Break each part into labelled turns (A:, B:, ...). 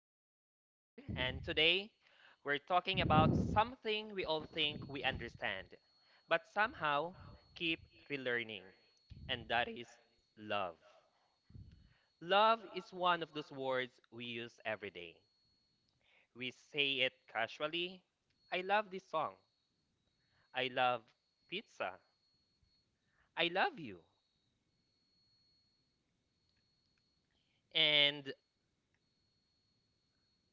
A: glad that you are here, and today we're talking about something we all think we understand, but somehow keep relearning, and that is love. Love is one of those words we use every day. We say it casually: I love this song, I love pizza, I love you. And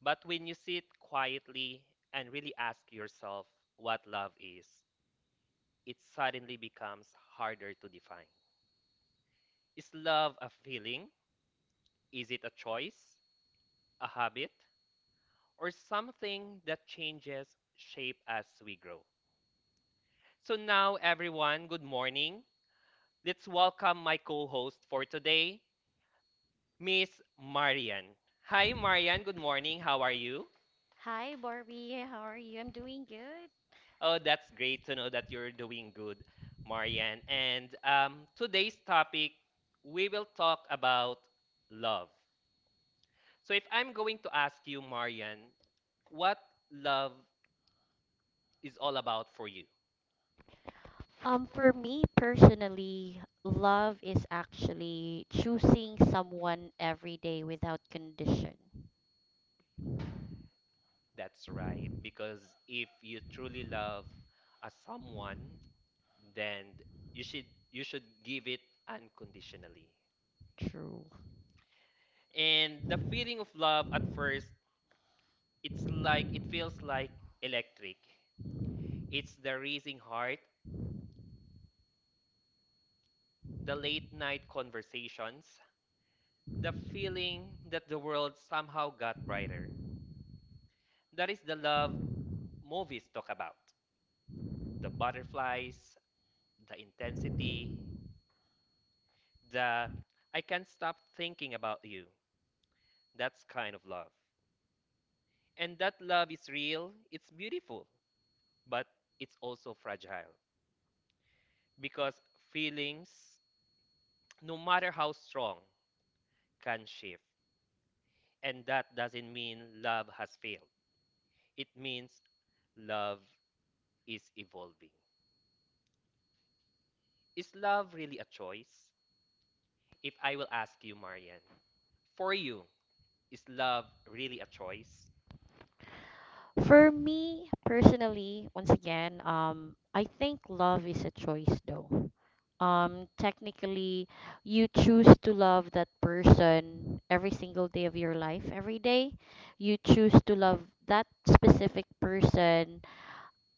A: but when you sit quietly and really ask yourself what love is, it suddenly becomes harder to define. Is love a feeling? Is it a choice, a habit, or something that changes shape as we grow? So, now everyone, good morning. Let's welcome my co host for today, Miss Marian. Hi, Marian. Good morning. How are you?
B: Hi, Barbie. How are you? I'm doing good.
A: Oh, that's great to know that you're doing good, Marian. And Today's topic, we will talk about love. So if I'm going to ask you, Marian, what love is all about for you?
B: For me personally, love is actually choosing someone every day without condition.
A: That's right. Because if you truly love a someone, then you should you should give it unconditionally.
B: True.
A: And the feeling of love at first, it's like it feels like electric. It's the racing heart, the late night conversations, the feeling that the world somehow got brighter. That is the love movies talk about. The butterflies, the intensity, the I can't stop thinking about you. That's kind of love. And that love is real, it's beautiful, but it's also fragile because feelings, no matter how strong, can shift. And that doesn't mean love has failed, it means love is evolving. Is love really a choice? If I will ask you, Marian, for you, is love really a choice?
B: For me personally, once again, I think love is a choice though. Technically, you choose to love that person every single day of your life. Every day, you choose to love that specific person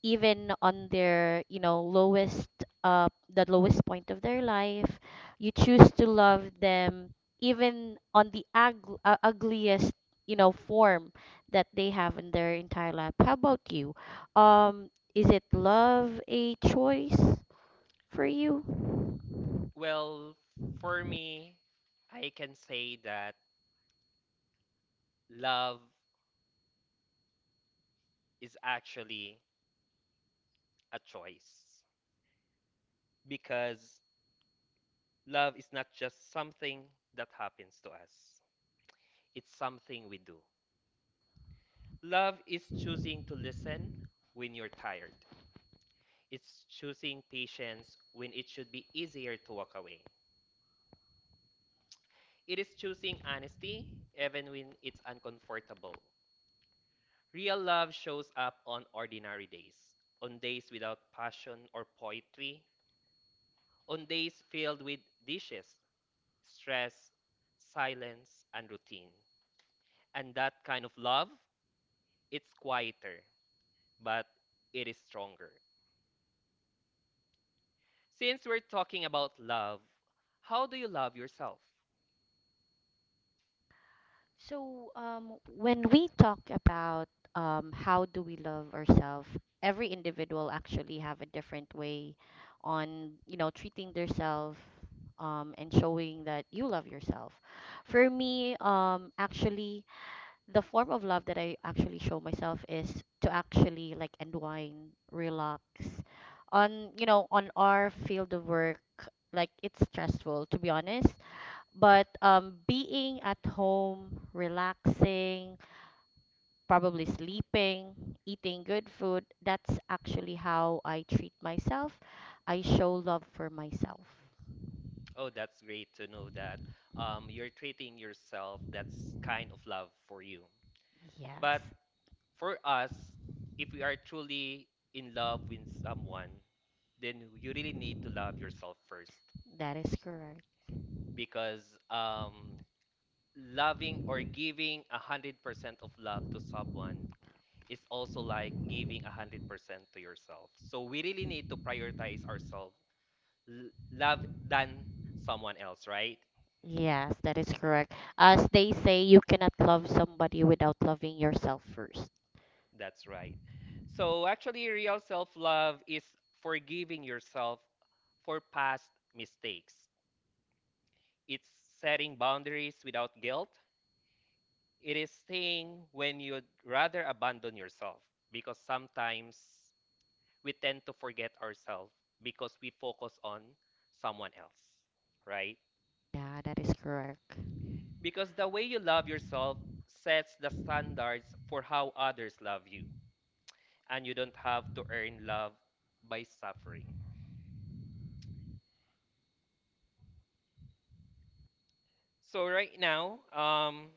B: even on their you know lowest uh the lowest point of their life, you choose to love them even on the ugliest you know form that they have in their entire life. How about you? um is it love a choice for you?
A: Well, for me, I can say that love is actually a choice because love is not just something that happens to us, it's something we do. Love is choosing to listen when you're tired, it's choosing patience when it should be easier to walk away, it is choosing honesty even when it's uncomfortable. Real love shows up on ordinary days, on days without passion or poetry, on days filled with dishes, stress, silence, and routine. And that kind of love, it's quieter, but it is stronger. Since we're talking about love, how do you love yourself?
B: When we talk about how do we love ourselves, every individual actually have a different way on, you know, treating themselves, and showing that you love yourself. For me, actually, the form of love that I actually show myself is to actually like unwind, relax. On, you know, on our field of work, like it's stressful, to be honest, but being at home, relaxing, probably sleeping, eating good food, that's actually how I treat myself. I show love for myself.
A: Oh, that's great to know that you're treating yourself. That's kind of love for you. But
B: Yes,
A: for us, if we are truly in love with someone, then you really need to love yourself first
B: that is correct.
A: because loving or giving 100% of love to someone is also like giving 100% to yourself. So we really need to prioritize ourselves, love than someone else, right?
B: Yes, that is correct. As they say, you cannot love somebody without loving yourself first.
A: That's right. So actually, real self love is forgiving yourself for past mistakes. It's setting boundaries without guilt. It is staying when you'd rather abandon yourself because sometimes we tend to forget ourselves because we focus on someone else, right?
B: Yeah, that is correct.
A: Because the way you love yourself sets the standards for how others love you, and you don't have to earn love by suffering. So, right now,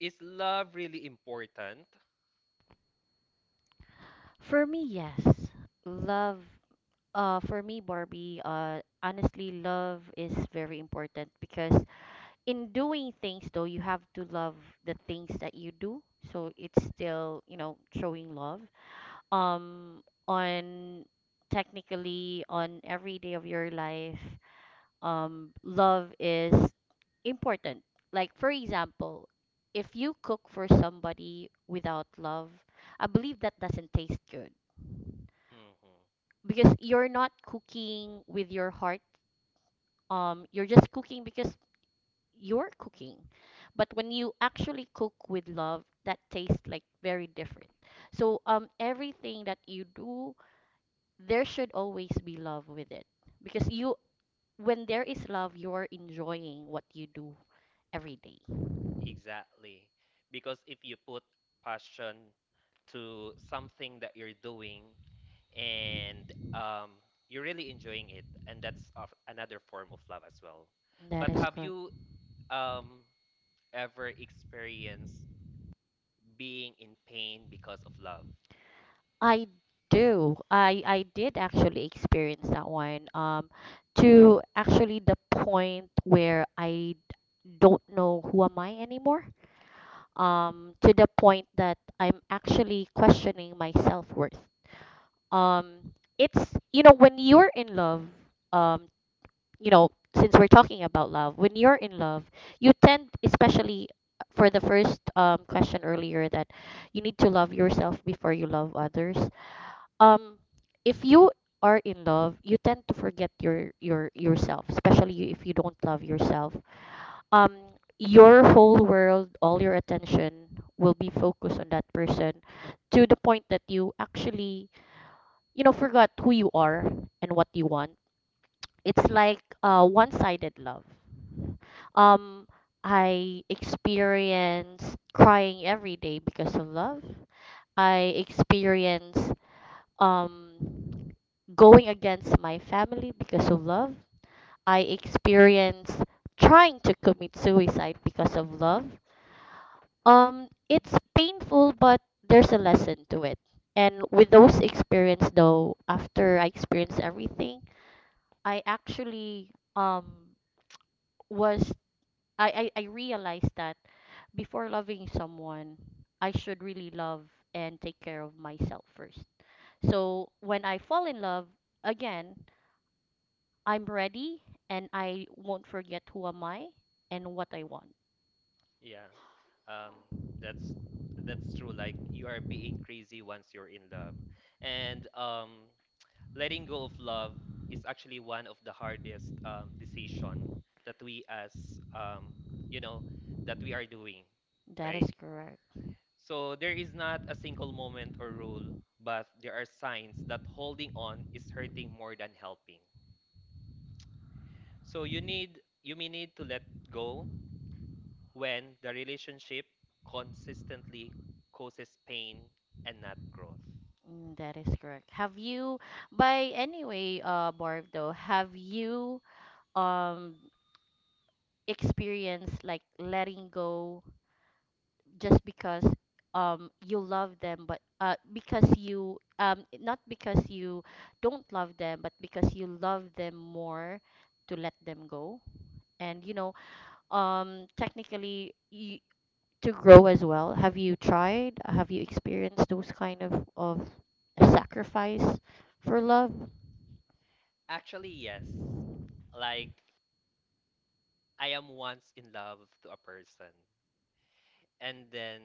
A: is love really important?
B: For me, yes. Love, for me, Barbie, honestly, love is very important because in doing things though, you have to love the things that you do, so it's still you know showing love um on, technically, on every day of your life. Love is important. Like, for example, if you cook for somebody without love, I believe that doesn't taste good
A: Mhm.
B: because you're not cooking with your heart. You're just cooking because your cooking. But when you actually cook with love, that tastes like very different. So everything that you do, there should always be love with it. Because you when there is love, you're enjoying what you do every day.
A: Exactly. Because if you put passion to something that you're doing and you're really enjoying it, and that's of another form of love as well.
B: That
A: But
B: is
A: have
B: correct.
A: you um, ever experienced being in pain because of love?
B: I do. I did actually experience that one. To actually the point where I don't know who am I anymore. To the point that I'm actually questioning my self worth. It's you know when you're in love, um, you know since we're talking about love, when you're in love, you tend, especially for the first question earlier, that you need to love yourself before you love others. Um, if you are in love, you tend to forget your yourself, especially if you don't love yourself. Your whole world, all your attention will be focused on that person, to the point that you actually you know forgot who you are and what you want. It's like one-sided love. um I experienced crying every day because of love. I experienced um going against my family because of love. I experienced trying to commit suicide because of love. It's painful, but there's a lesson to it. And with those experience though, after I experienced everything, I actually um was I realized that before loving someone, I should really love and take care of myself first. So when I fall in love again, I'm ready and I won't forget who am I and what I want.
A: Yeah, um, that's that's true. Like you are being crazy once you're in love, and letting go of love is actually one of the hardest decision that we as, um, you know, that we are doing,
B: That
A: right?
B: is correct.
A: So there is not a single moment or rule, but there are signs that holding on is hurting more than helping. So you may need to let go when the relationship consistently causes pain and not growth.
B: Mm, that is correct. Have you, by anyway, Barb though, have you um experienced like letting go just because you love them, but because you not because you don't love them, but because you love them more, to let them go? And you know, technically you, to grow as well. Have you tried? Have you experienced those kind of sacrifice for love?
A: Actually yes, like I am once in love to a person, and then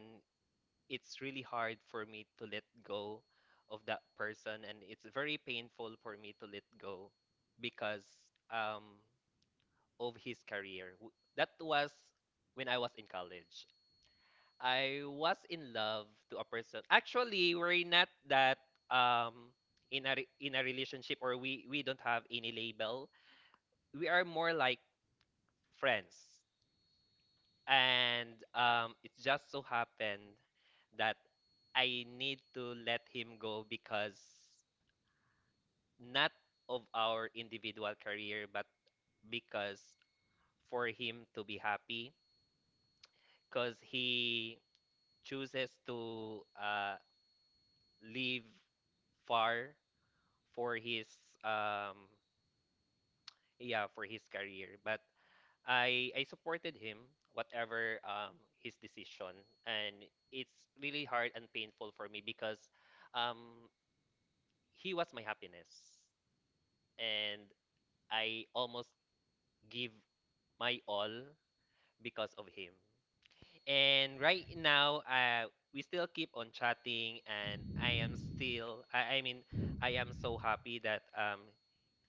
A: it's really hard for me to let go of that person, and it's very painful for me to let go because um of his career. That was when I was in college. I was in love to a person. Actually, we're not that, um in a in a relationship, or we don't have any label. We are more like friends, and um, it just so happened that I need to let him go because not of our individual career, but because for him to be happy, because he chooses to live far for his, um, yeah, for his career. But I supported him whatever his decision, and it's really hard and painful for me because um, he was my happiness, and I almost give my all because of him. And right now, we still keep on chatting, and I am still, I mean, I am so happy that um,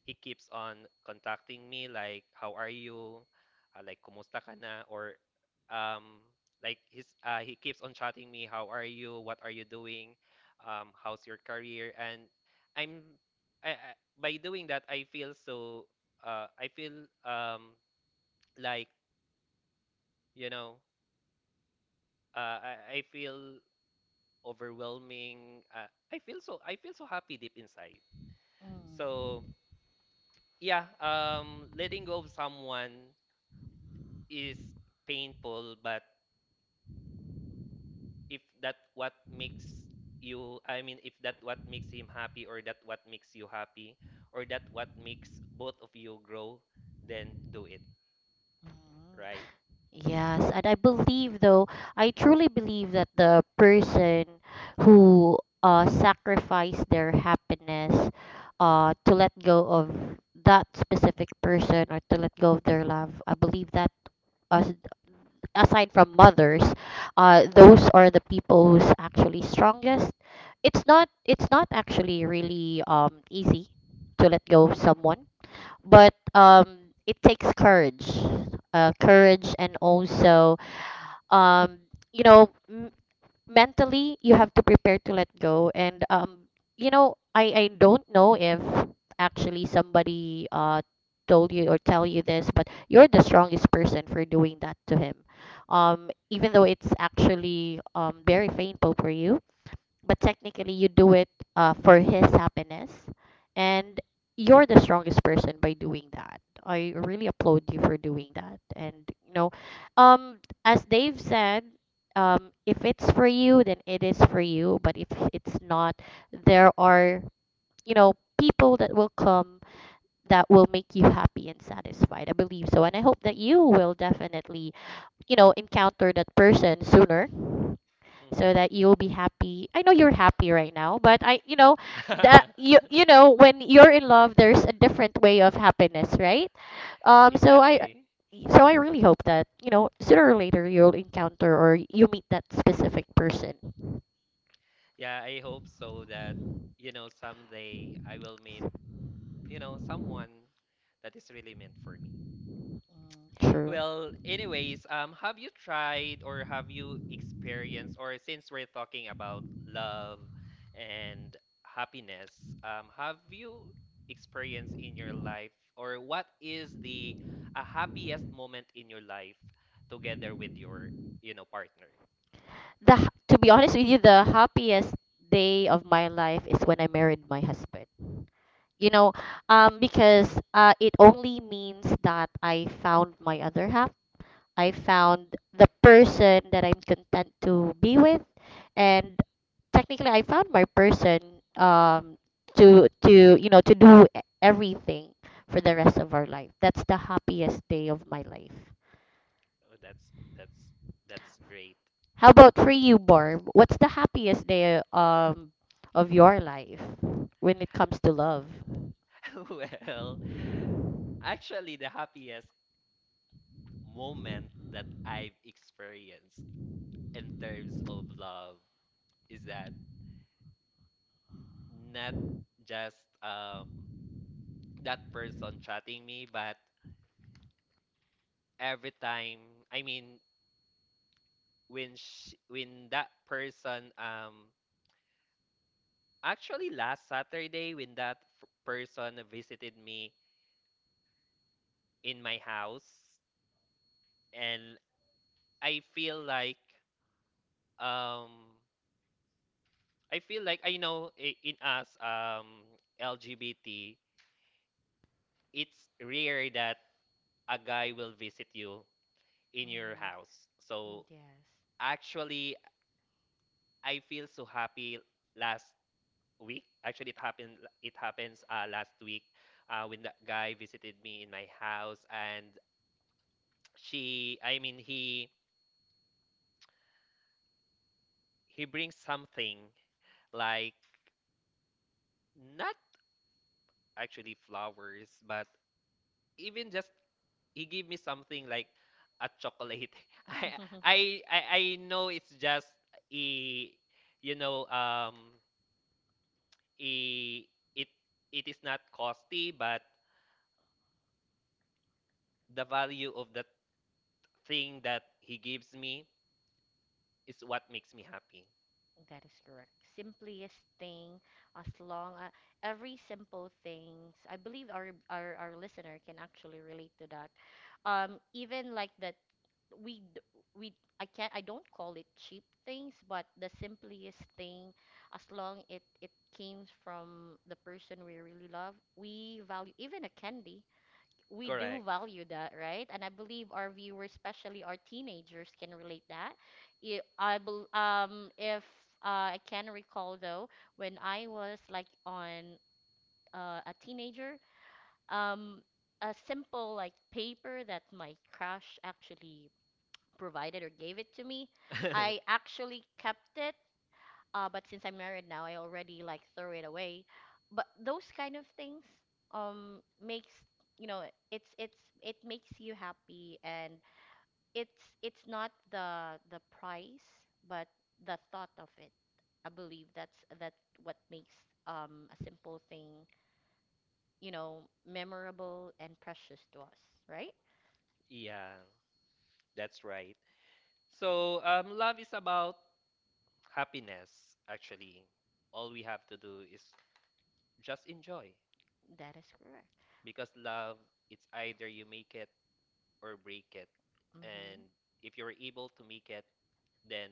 A: he keeps on contacting me, like how are you, like kumusta ka na, or um, like his he keeps on chatting me, how are you, what are you doing, how's your career. And I'm I, by doing that, I feel so, I feel like, you know, uh I, I feel overwhelming, I feel so, I feel so happy deep inside. So
B: Mm.
A: yeah, letting go of someone is painful, but if that what makes I mean, if that what makes him happy, or that what makes you happy, or that what makes both of you grow, then do it,
B: Mm.
A: right?
B: Yes, and I believe though, I truly believe that the person who sacrificed their happiness to let go of that specific person or to let go of their love, I believe that, as aside from mothers, those are the people who's actually strongest. It's not actually really easy to let go of someone, but it takes courage, courage and also um you know mentally you have to prepare to let go. And you know, I don't know if actually somebody told you or tell you this, but you're the strongest person for doing that to him. Even though it's actually very painful for you, but technically you do it for his happiness. And you're the strongest person by doing that. I really applaud you for doing that. And you know, um as Dave said, if it's for you, then it is for you. But if it's not, there are, you know, people that will come that will make you happy and satisfied, I believe so. And I hope that you will definitely, you know, encounter that person sooner, so
A: Mm-hmm.
B: that you'll be happy. I know you're happy right now, but I you know that you you know when you're in love there's a different way of happiness, right? Um so I
A: Exactly.
B: so I really hope that, you know, sooner or later you'll encounter or you meet that specific person.
A: Yeah, I hope so that, you know, someday I will meet, you know, someone that is really meant for me.
B: Mm, true.
A: Well, anyways, have you tried or have you experienced, or since we're talking about love and happiness, have you experienced in your life, or what is the a happiest moment in your life together with your, you know, partner?
B: To be honest with you, the happiest day of my life is when I married my husband. You know, because it only means that I found my other half. I found the person that I'm content to be with, and technically, I found my person, um, to you know to do everything for the rest of our life. That's the happiest day of my life.
A: Oh, that's great.
B: How about for you, Barb? What's the happiest day of your life when it comes to love?
A: Well, actually, the happiest moment that I've experienced in terms of love is that. Not just that person chatting me, but every time, I mean, when that person, um, actually last Saturday, when that f person visited me in my house. And I feel like, um I feel like I know, in us, LGBT, it's rare that a guy will visit you in your
B: Mhm.
A: house. So
B: Yes.
A: actually I feel so happy last week. Actually, it happened. It happens last week, when that guy visited me in my house, and she. I mean, he brings something like not actually flowers, but even just he gave me something like a chocolate. I I I know it's just a, you know, a, it it is not costly, but the value of the thing that he gives me is what makes me happy.
B: That is correct. Simplest thing, as long as every simple things, I believe our listener can actually relate to that. Even like that, we d- we I can't, I don't call it cheap things, but the simplest thing, as long it it came from the person we really love, we value even a candy, we do
A: Correct.
B: value that, right? And I believe our viewers, especially our teenagers, can relate that. I bel If I can recall though, when I was like on a teenager, um, a simple like paper that my crush actually provided or gave it to me, I actually kept it, but since I'm married now, I already like throw it away. But those kind of things makes, you know, it's it's it makes you happy, and it's not the the price, but the thought of it. I believe that's what makes a simple thing, you know, memorable and precious to us, right?
A: Yeah, that's right. So, love is about happiness, actually. All we have to do is just enjoy
B: That is correct.
A: because love, it's either you make it or break it.
B: Mm-hmm.
A: And if you're able to make it, then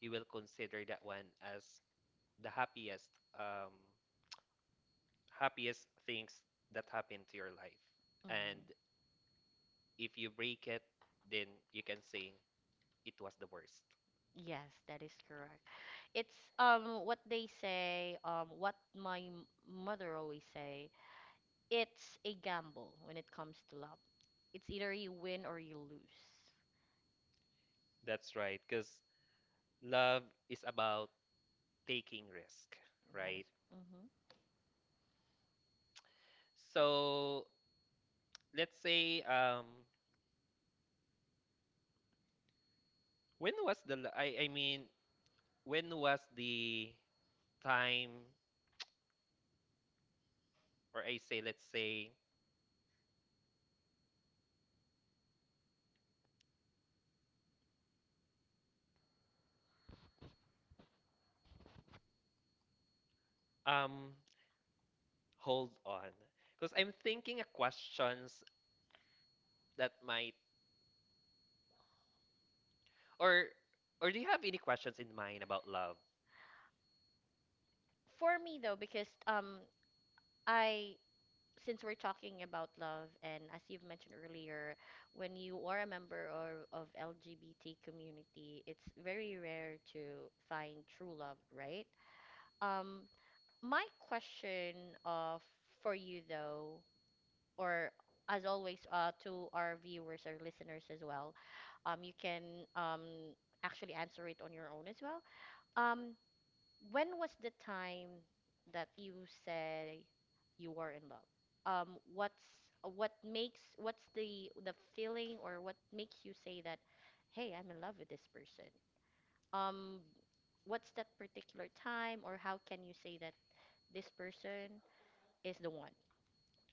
A: you will consider that one as the happiest, um, happiest things that happened to your life.
B: Mm.
A: And if you break it, then you can say it was the worst.
B: Yes, that is correct. It's what they say, what my mother always say, it's a gamble when it comes to love. It's either you win or you lose.
A: That's right, because love is about taking risk,
B: That
A: right?
B: is. Mm-hmm.
A: So let's say, when was the la- I mean, when was the time, or I say let's say, um hold on because I'm thinking of questions that might. Or or do you have any questions in mind about love?
B: For me though, because I since we're talking about love, and as you've mentioned earlier, when you are a member or of LGBT community, it's very rare to find true love, right? Um My question, for you though, or as always, to our viewers or listeners as well, you can actually answer it on your own as well. Um, when was the time that you say you were in love? What's what makes What's the feeling or what makes you say that, hey, I'm in love with this person? Um, what's that particular time, or how can you say that this person is the one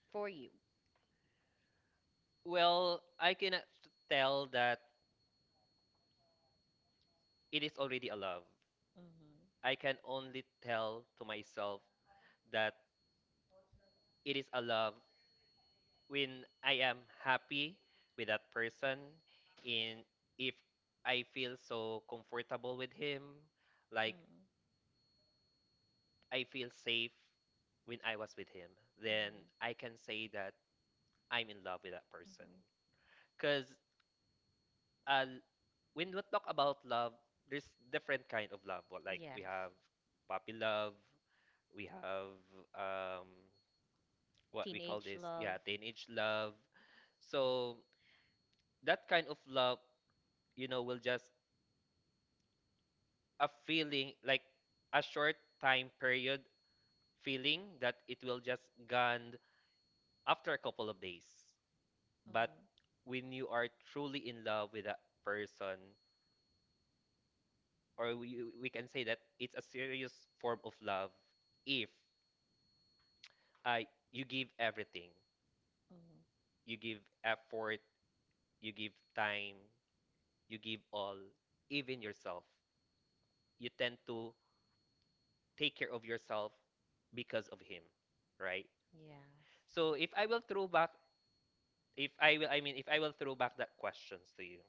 B: for you?
A: Well, I cannot tell that it is already a love.
B: Hmm.
A: I can only tell to myself that it is a love when I am happy with that person, in if I feel so comfortable with him, like
B: Hmm.
A: I feel safe when I was with him, then I
B: Hmm.
A: can say that I'm in love with that person.
B: Hmm.
A: Cause uh, when we talk about love, there's different kind of love. What like
B: Yes.
A: we have puppy love, we have, um what we call
B: Teenage
A: this,
B: love.
A: yeah, teenage love. So that kind of love, you know, will just a feeling like a short time period feeling that it will just gone after a couple of days. But
B: Hmm.
A: when you are truly in love with that person, or we can say that it's a serious form of love, if uh, you give everything.
B: Hmm.
A: You give effort, you give time, you give all, even yourself. You tend to take care of yourself because of him, right?
B: Yes.
A: So if I will throw back, if I will, I mean, if I will throw back that questions to you,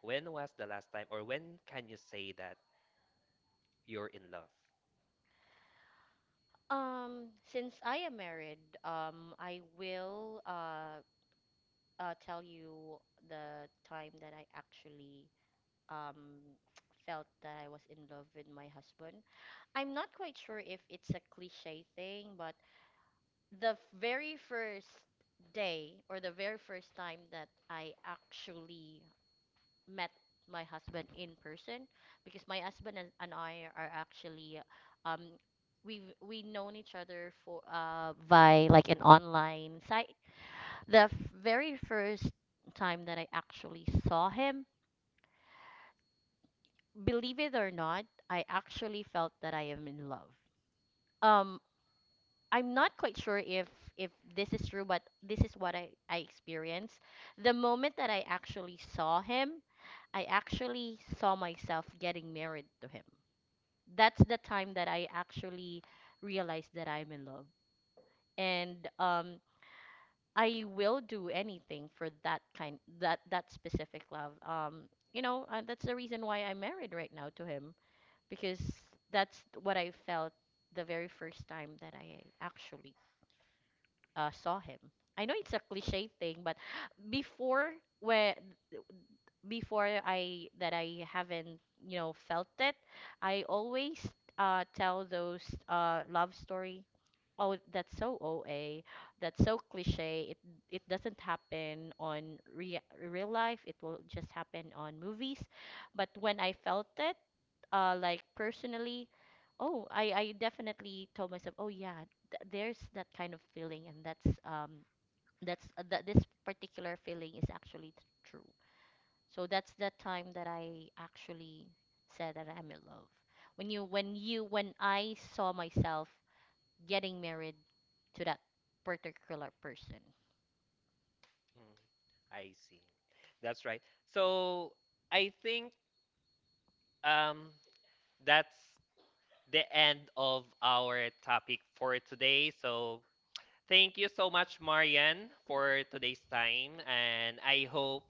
A: when was the last time, or when can you say that you're in love?
B: Since I am married, I will tell you the time that I actually um felt that I was in love with my husband. I'm not quite sure if it's a cliche thing, but the very first day, or the very first time that I actually met my husband in person, because my husband and I are actually um we've we known each other for by like an online site. The f- very first time that I actually saw him, believe it or not, I actually felt that I am in love. Um I'm not quite sure if this is true, but this is what I experienced. The moment that I actually saw him, I actually saw myself getting married to him. That's the time that I actually realized that I'm in love, and I will do anything for that that specific love. You know, that's the reason why I'm married right now to him, because that's what I felt the very first time that I actually saw him. I know it's a cliche thing, but before, where before I that I haven't, you know, felt it, I always tell those love story. Oh, that's so OA. That's so cliche. It doesn't happen on real life. It will just happen on movies. But when I felt it, like personally, oh, I definitely told myself, oh yeah, th there's that kind of feeling, and that's that this particular feeling is actually true. So that's the time that I actually said that I'm in love, when I saw myself getting married to that particular person.
A: Mm, I see. That's right. So I think, um, that's the end of our topic for today. So thank you so much, Marian, for today's time. And I hope,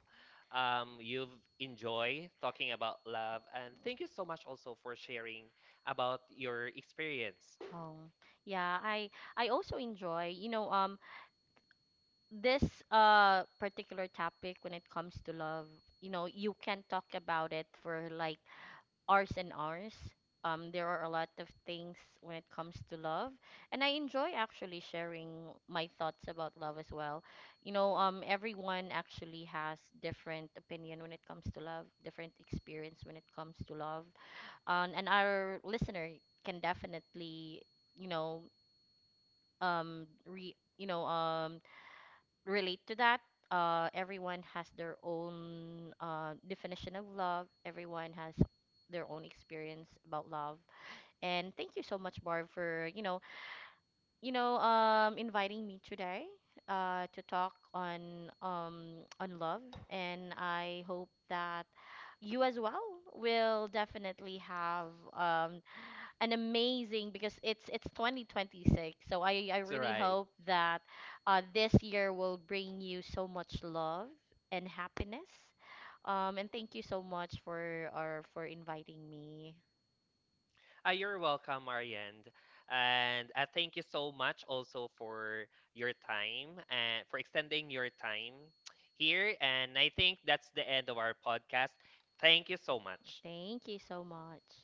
A: you've enjoyed talking about love. And thank you so much also for sharing about your experience.
B: um yeah, I also enjoy, you know, this particular topic when it comes to love. You know, you can talk about it for like ours and ours. There are a lot of things when it comes to love, and I enjoy actually sharing my thoughts about love as well. You know, everyone actually has different opinion when it comes to love, different experience when it comes to love, and our listener can definitely, you know, you know, relate to that. Everyone has their own definition of love. Everyone has their own experience about love, and thank you so much, Barb, for you know, inviting me today, to talk on love. And I hope that you as well will definitely have um an amazing, because it's 2026. So I
A: It's all
B: really
A: right.
B: hope that this year will bring you so much love and happiness. And thank you so much for or for inviting me.
A: You're welcome, Marianne. And Thank you so much also for your time and for extending your time here. And I think that's the end of our podcast. Thank you so much.
B: Thank you so much.